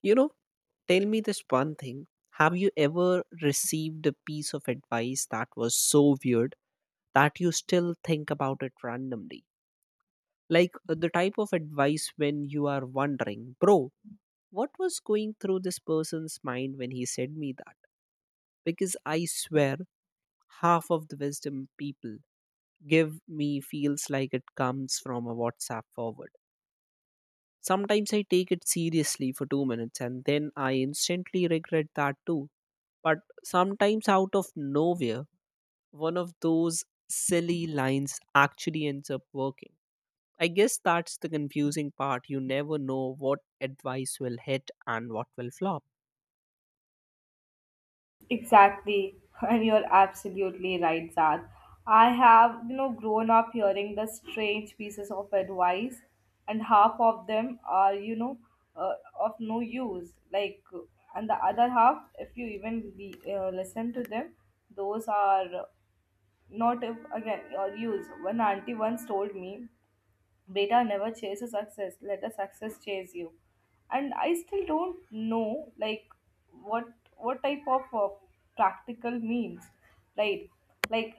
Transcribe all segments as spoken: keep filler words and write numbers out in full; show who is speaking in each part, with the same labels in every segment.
Speaker 1: You know, tell me this one thing. Have you ever received a piece of advice that was so weird that you still think about it randomly? Like uh, the type of advice when you are wondering, bro, what was going through this person's mind when he said me that? Because I swear, half of the wisdom people give me feels like it comes from a WhatsApp forward. Sometimes I take it seriously for two minutes and then I instantly regret that too. But sometimes, out of nowhere, one of those silly lines actually ends up working. I guess that's the confusing part. You never know what advice will hit and what will flop.
Speaker 2: Exactly, and you're absolutely right, Zad. I have, you know, grown up hearing the strange pieces of advice, and half of them are, you know, uh, of no use. Like, and the other half, if you even le- uh, listen to them, those are not if, again your use. One auntie once told me, Beta never chases success. Let a success chase you. And I still don't know, like, what what type of uh, practical means, right? Like,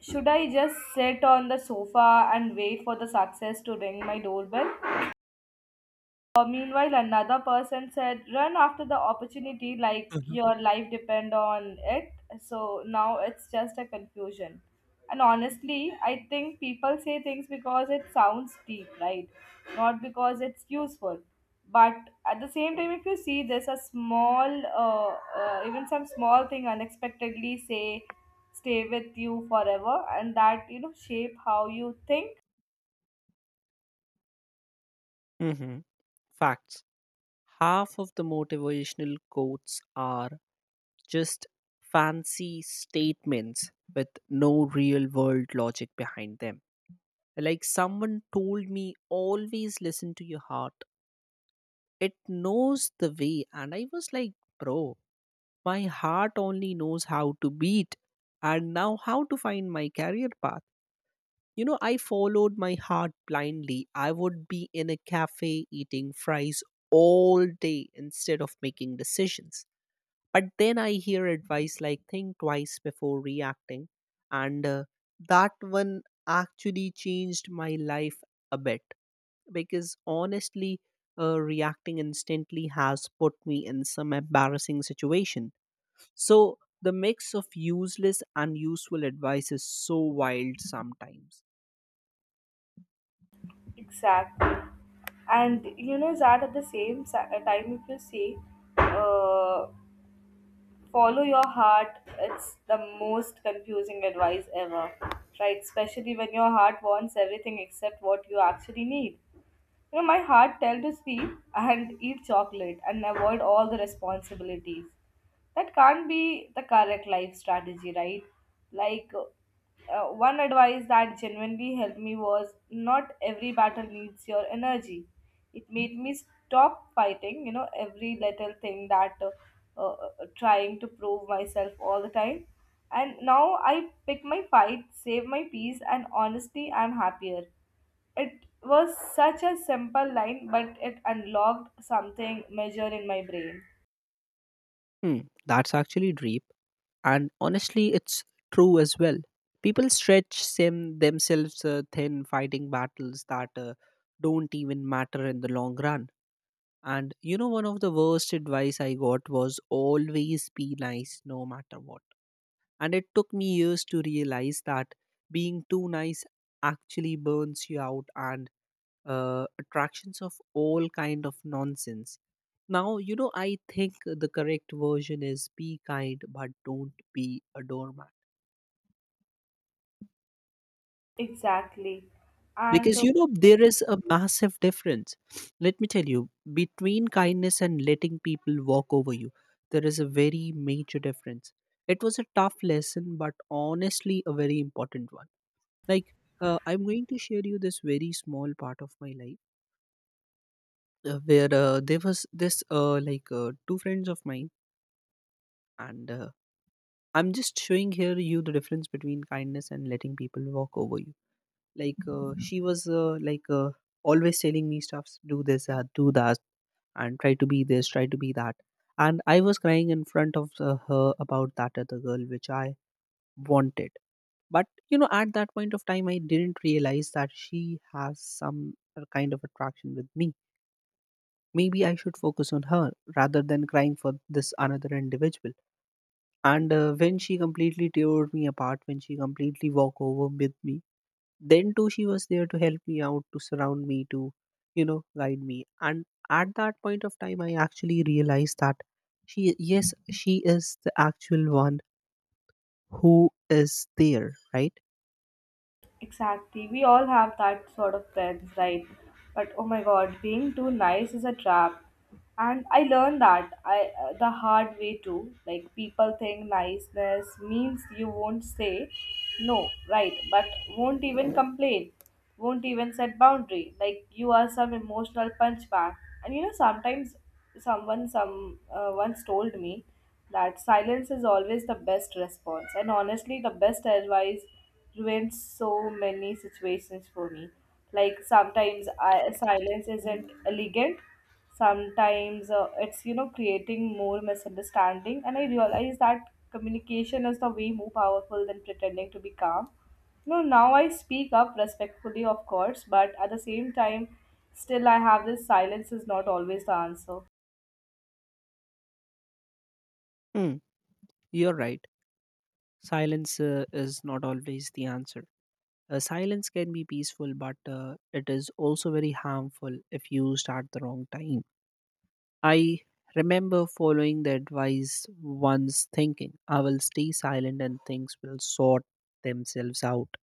Speaker 2: should I just sit on the sofa and wait for the success to ring my doorbell? Uh, meanwhile, another person said, "Run after the opportunity like your life depend on it." So now it's just a confusion. And honestly, I think people say things because it sounds deep, right? Not because it's useful. But at the same time, if you see there's a small, uh, uh, even some small thing unexpectedly say, stay with you forever, and that, you know, shape how you think.
Speaker 1: hmm Facts. Half of the motivational quotes are just fancy statements with no real world logic behind them. Like someone told me, always listen to your heart. It knows the way. And I was like, bro, my heart only knows how to beat and now how to find my career path. You know, I followed my heart blindly. I would be in a cafe eating fries all day instead of making decisions. But then I hear advice like think twice before reacting, and uh, that one actually changed my life a bit because honestly, uh, reacting instantly has put me in some embarrassing situation. So the mix of useless and useful advice is so wild sometimes.
Speaker 2: Exactly. And you know that at the same sa- uh, time, if you say, uh, follow your heart, it's the most confusing advice ever, right? Especially when your heart wants everything except what you actually need. You know, my heart tell to sleep and eat chocolate and avoid all the responsibilities. That can't be the correct life strategy, right? Like, uh, one advice that genuinely helped me was not every battle needs your energy. It made me stop fighting, you know, every little thing that uh, uh, uh, trying to prove myself all the time. And now I pick my fight, save my peace, and honestly, I'm happier. It was such a simple line, but it unlocked something major in my brain.
Speaker 1: Hmm, that's actually deep. And honestly, it's true as well. People stretch sim themselves uh, thin fighting battles that uh, don't even matter in the long run. And you know, one of the worst advice I got was always be nice no matter what. And it took me years to realize that being too nice actually burns you out and uh, attractions of all kind of nonsense. Now, you know, I think the correct version is be kind, but don't be a doormat.
Speaker 2: Exactly. And
Speaker 1: Because,
Speaker 2: uh,
Speaker 1: you know, there is a massive difference. Let me tell you, between kindness and letting people walk over you, there is a very major difference. It was a tough lesson, but honestly, a very important one. like uh, I'm going to share you this very small part of my life uh, where uh, there was this uh, like uh, two friends of mine and uh, I'm just showing here you the difference between kindness and letting people walk over you like uh, she was uh, like uh, always telling me stuffs, do this uh, do that and try to be this, try to be that. And I was crying in front of uh, her about that other girl which I wanted. But you know, at that point of time I didn't realize that she has some uh, kind of attraction with me. Maybe I should focus on her rather than crying for this another individual. And uh, when she completely tore me apart, when she completely walked over with me, then too she was there to help me out, to surround me, to you know, guide me. And at that point of time, I actually realized that she, yes, she is the actual one who is there, right?
Speaker 2: exactly, we all have that sort of friends, right? But oh my god, being too nice is a trap. And I learned that I uh, the hard way too. Like, people think niceness means you won't say no, right? But won't even complain, won't even set boundary, like you are some emotional punch bag. And you know sometimes, someone some uh, once told me that silence is always the best response, and honestly the best advice ruins so many situations for me. Like sometimes, I, silence isn't elegant sometimes. Uh, it's, you know, creating more misunderstanding, and I realize that communication is the way more powerful than pretending to be calm. No, now I speak up respectfully, of course, but at the same time, still I have this silence is not always the answer.
Speaker 1: Hmm, you're right. Silence uh, is not always the answer. Uh, silence can be peaceful, but uh, it is also very harmful if used at the wrong time. I remember following the advice once thinking, I will stay silent and things will sort themselves out.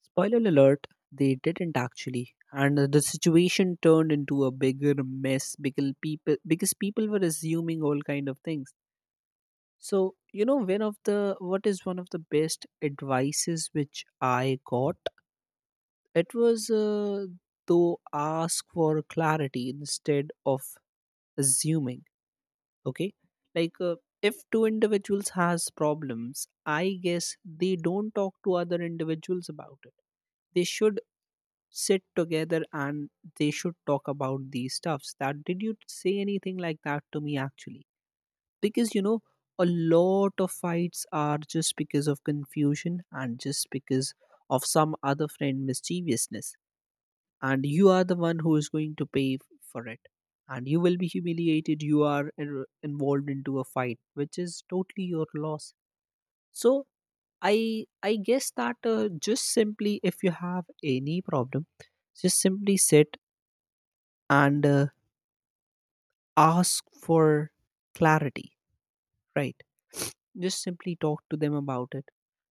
Speaker 1: Spoiler alert, they didn't actually. And the situation turned into a bigger mess because people, because people were assuming all kind of things. So, you know, one of the, what is one of the best advices which I got? It was uh, to ask for clarity instead of assuming. Okay, like uh, if two individuals has problems, I guess they don't talk to other individuals about it. They should sit together and they should talk about these stuffs. That, did you say anything like that to me actually? Because you know, a lot of fights are just because of confusion and just because of some other friend mischievousness, and you are the one who is going to pay f- for it, and you will be humiliated. You are in- involved into a fight which is totally your loss. So i i guess that uh, just simply, if you have any problem, just simply sit and uh, ask for clarity, right? Just simply talk to them about it,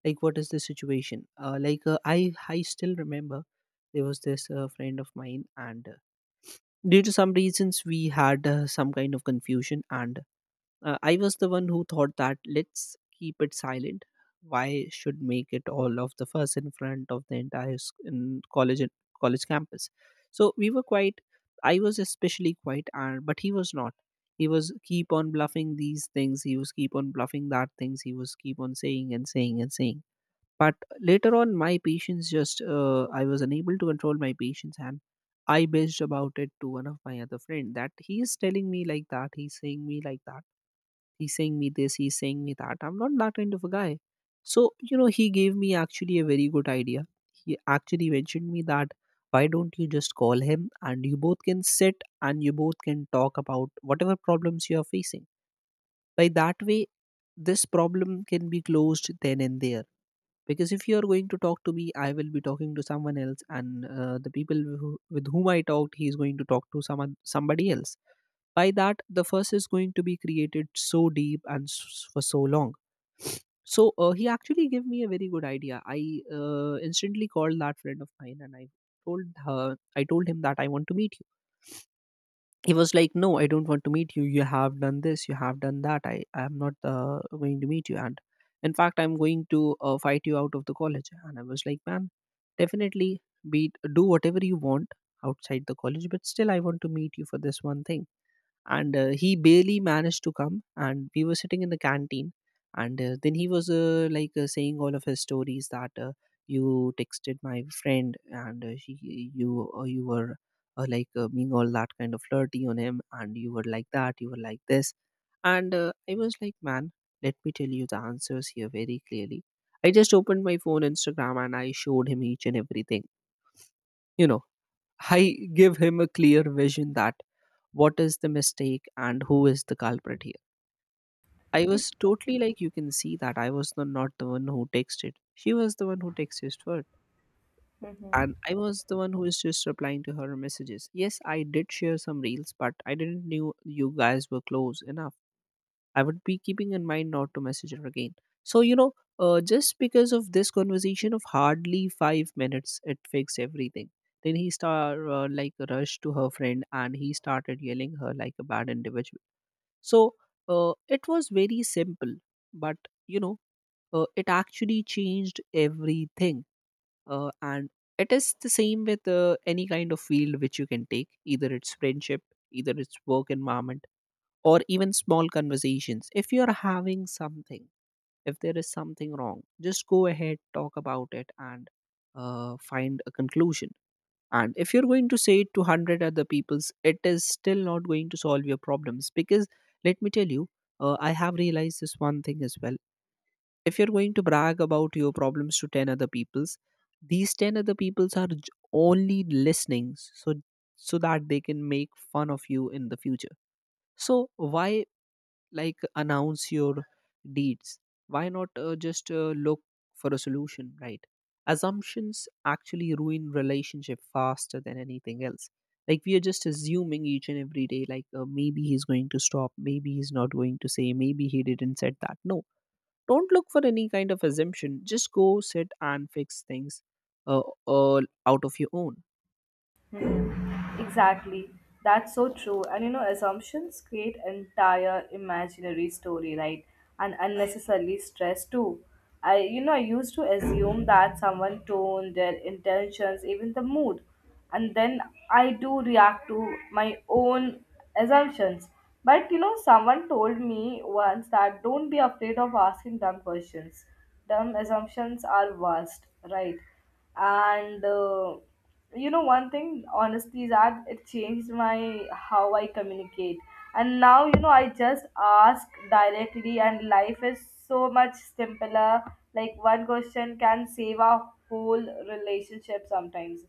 Speaker 1: like what is the situation. Uh, like uh, i i still remember there was this uh, friend of mine and uh, due to some reasons we had uh, some kind of confusion, and uh, I was the one who thought that let's keep it silent. Why should make it all of the fuss in front of the entire s- in college and- college campus? So we were quite. I was especially quiet, and but he was not. He was keep on bluffing these things. He was keep on bluffing that things. He was keep on saying and saying and saying. But later on, my patience just uh, I was unable to control my patience, and I bitched about it to one of my other friend that he is telling me like that. He's saying me like that. He's saying me this, he's saying me that. I'm not that kind of a guy. So, you know, he gave me actually a very good idea. He actually mentioned me that, why don't you just call him and you both can sit and you both can talk about whatever problems you are facing. By that way, this problem can be closed then and there, because if you are going to talk to me, I will be talking to someone else, and uh, the people who, with whom I talked, he is going to talk to someone, somebody else. By that the fuss is going to be created so deep and s- for so long. So uh, he actually gave me a very good idea. I uh, instantly called that friend of mine, and I told her, I told him that I want to meet you. He was like, no, I don't want to meet you. You have done this, you have done that i i am not uh, going to meet you, and in fact I'm going to uh, fight you out of the college. And I was like, man, definitely be, do whatever you want outside the college, but still I want to meet you for this one thing. And uh, he barely managed to come, and we were sitting in the canteen, and uh, then he was uh, like uh, saying all of his stories that uh, you texted my friend and uh, she, you uh, you were uh, like uh, being all that kind of flirty on him, and you were like that, you were like this. And uh, I was like, man, let me tell you the answers here very clearly. I just opened my phone, Instagram, and I showed him each and everything. You know, I give him a clear vision that what is the mistake and who is the culprit here. I was totally like, you can see that I was the, not the one who texted. She was the one who texted first.
Speaker 2: Hmm.
Speaker 1: And I was the one who is just replying to her messages. Yes, I did share some reels, but I didn't knew you guys were close enough. I would be keeping in mind not to message her again. So, you know, uh, just because of this conversation of hardly five minutes, it fixed everything. Then he star uh, like rushed to her friend and he started yelling her like a bad individual. So uh, it was very simple, but you know, uh, it actually changed everything. Uh, and it is the same with uh, any kind of field which you can take, either it's friendship, either it's work environment or even small conversations. If you're having something, if there is something wrong, just go ahead, talk about it, and uh, find a conclusion. And if you're going to say it to a hundred other people's, it is still not going to solve your problems. Because let me tell you, uh, I have realized this one thing as well. If you're going to brag about your problems to ten other people's, these ten other people's are j- only listening, so so that they can make fun of you in the future. So why like announce your deeds? Why not uh, just uh, look for a solution, right? Assumptions actually ruin relationship faster than anything else. Like we are just assuming each and every day, like uh, maybe he's going to stop, maybe he's not going to say, maybe he didn't said that. No, don't look for any kind of assumption. Just go sit and fix things, uh, all out of your own.
Speaker 2: Hmm, exactly. That's so true. And you know, assumptions create entire imaginary story, right? And unnecessarily stress too. I, you know, I used to assume that someone tone, their intentions, even the mood, and then I do react to my own assumptions. But you know, someone told me once that don't be afraid of asking dumb questions. Dumb assumptions are worst, right? And uh, you know, one thing honestly is that it changed my how I communicate, and now, you know, I just ask directly, and life is so much simpler. Like one question can save a whole relationship sometimes,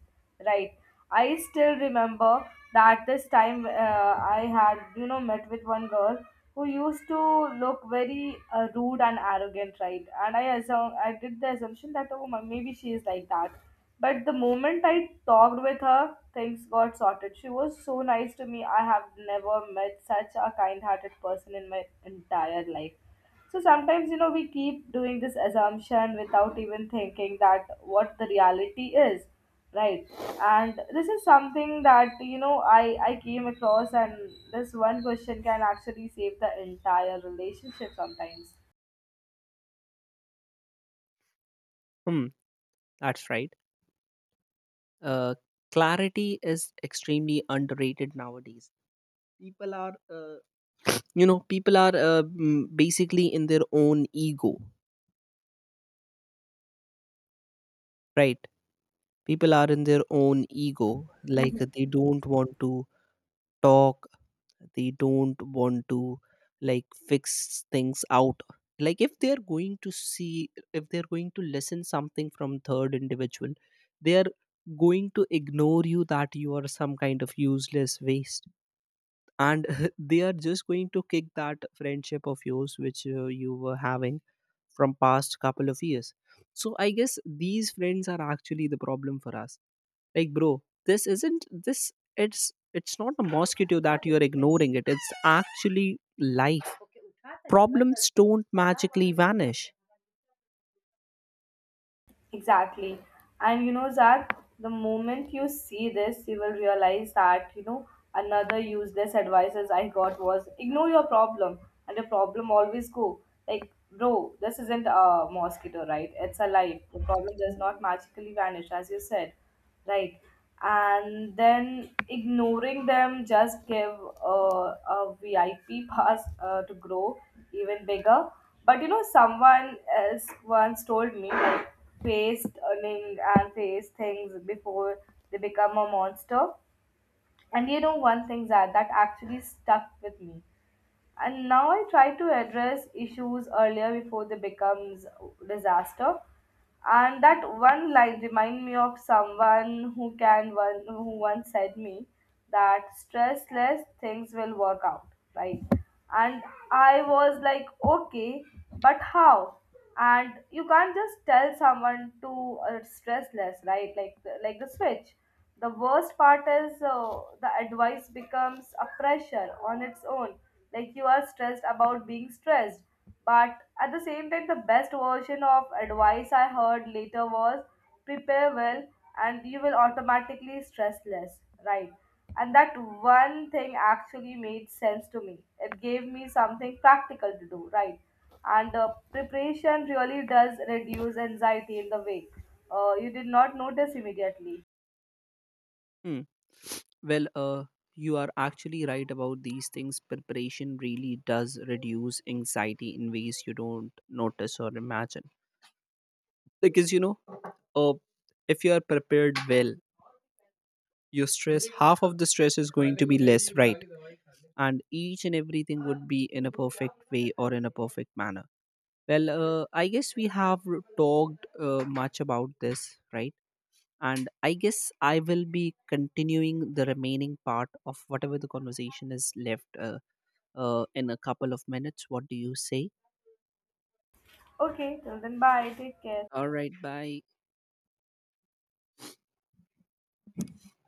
Speaker 2: right? I still remember that this time uh, I had, you know, met with one girl who used to look very uh, rude and arrogant, right? And I assume, I did the assumption that, oh, ma- maybe she is like that. But the moment I talked with her, things got sorted. She was so nice to me. I have never met such a kind hearted person in my entire life. So sometimes, you know, we keep doing this assumption without even thinking that what the reality is, right? And this is something that, you know, I, I came across, and this one question can actually save the entire relationship sometimes.
Speaker 1: hmm that's right. uh, clarity is extremely underrated nowadays. People are uh, you know, people are uh, mm, basically in their own ego, right? People are in their own ego. Like, they don't want to talk. They don't want to like fix things out. Like if they are going to see, if they are going to listen something from third individual, they are going to ignore you, that you are some kind of useless waste, and they are just going to kick that friendship of yours which uh, you were having from past couple of years. So I guess these friends are actually the problem for us. Like bro, this isn't this it's it's not a mosquito that you're ignoring it. It's actually life. Problems don't magically vanish.
Speaker 2: Exactly. And you know, Zach, the moment you see this, you will realize that, you know, another useless advices I got was ignore your problem and your problem always go. Like, bro, this isn't a mosquito, right? It's a life. The problem does not magically vanish, as you said, right? And then ignoring them just give uh, a V I P pass uh, to grow even bigger. But you know, someone else once told me like face earning and face things before they become a monster. And you know, one thing that that actually stuck with me, and now I try to address issues earlier before they becomes disaster. And that one line remind me of someone who can one who once said me that stress less things will work out, right? And I was like, okay, but how? And you can't just tell someone to uh, stress less, right? Like the- like the switch. The worst part is uh, the advice becomes a pressure on its own. Like you are stressed about being stressed. But at the same time, the best version of advice I heard later was prepare well and you will automatically stress less, right? And that one thing actually made sense to me. It gave me something practical to do, right? And uh, preparation really does reduce anxiety in the way uh, you did not notice immediately.
Speaker 1: Hmm. well uh you are actually right about these things. Preparation really does reduce anxiety in ways you don't notice or imagine. Because you know, uh, if you are prepared well, your stress, half of the stress is going to be less, right? And each and everything would be in a perfect way or in a perfect manner. Well uh, I guess we have r- talked uh, much about this, right? And I guess I will be continuing the remaining part of whatever the conversation is left uh, uh, in a couple of minutes. What do you say?
Speaker 2: Okay, till then, bye. Take care.
Speaker 1: All right, bye.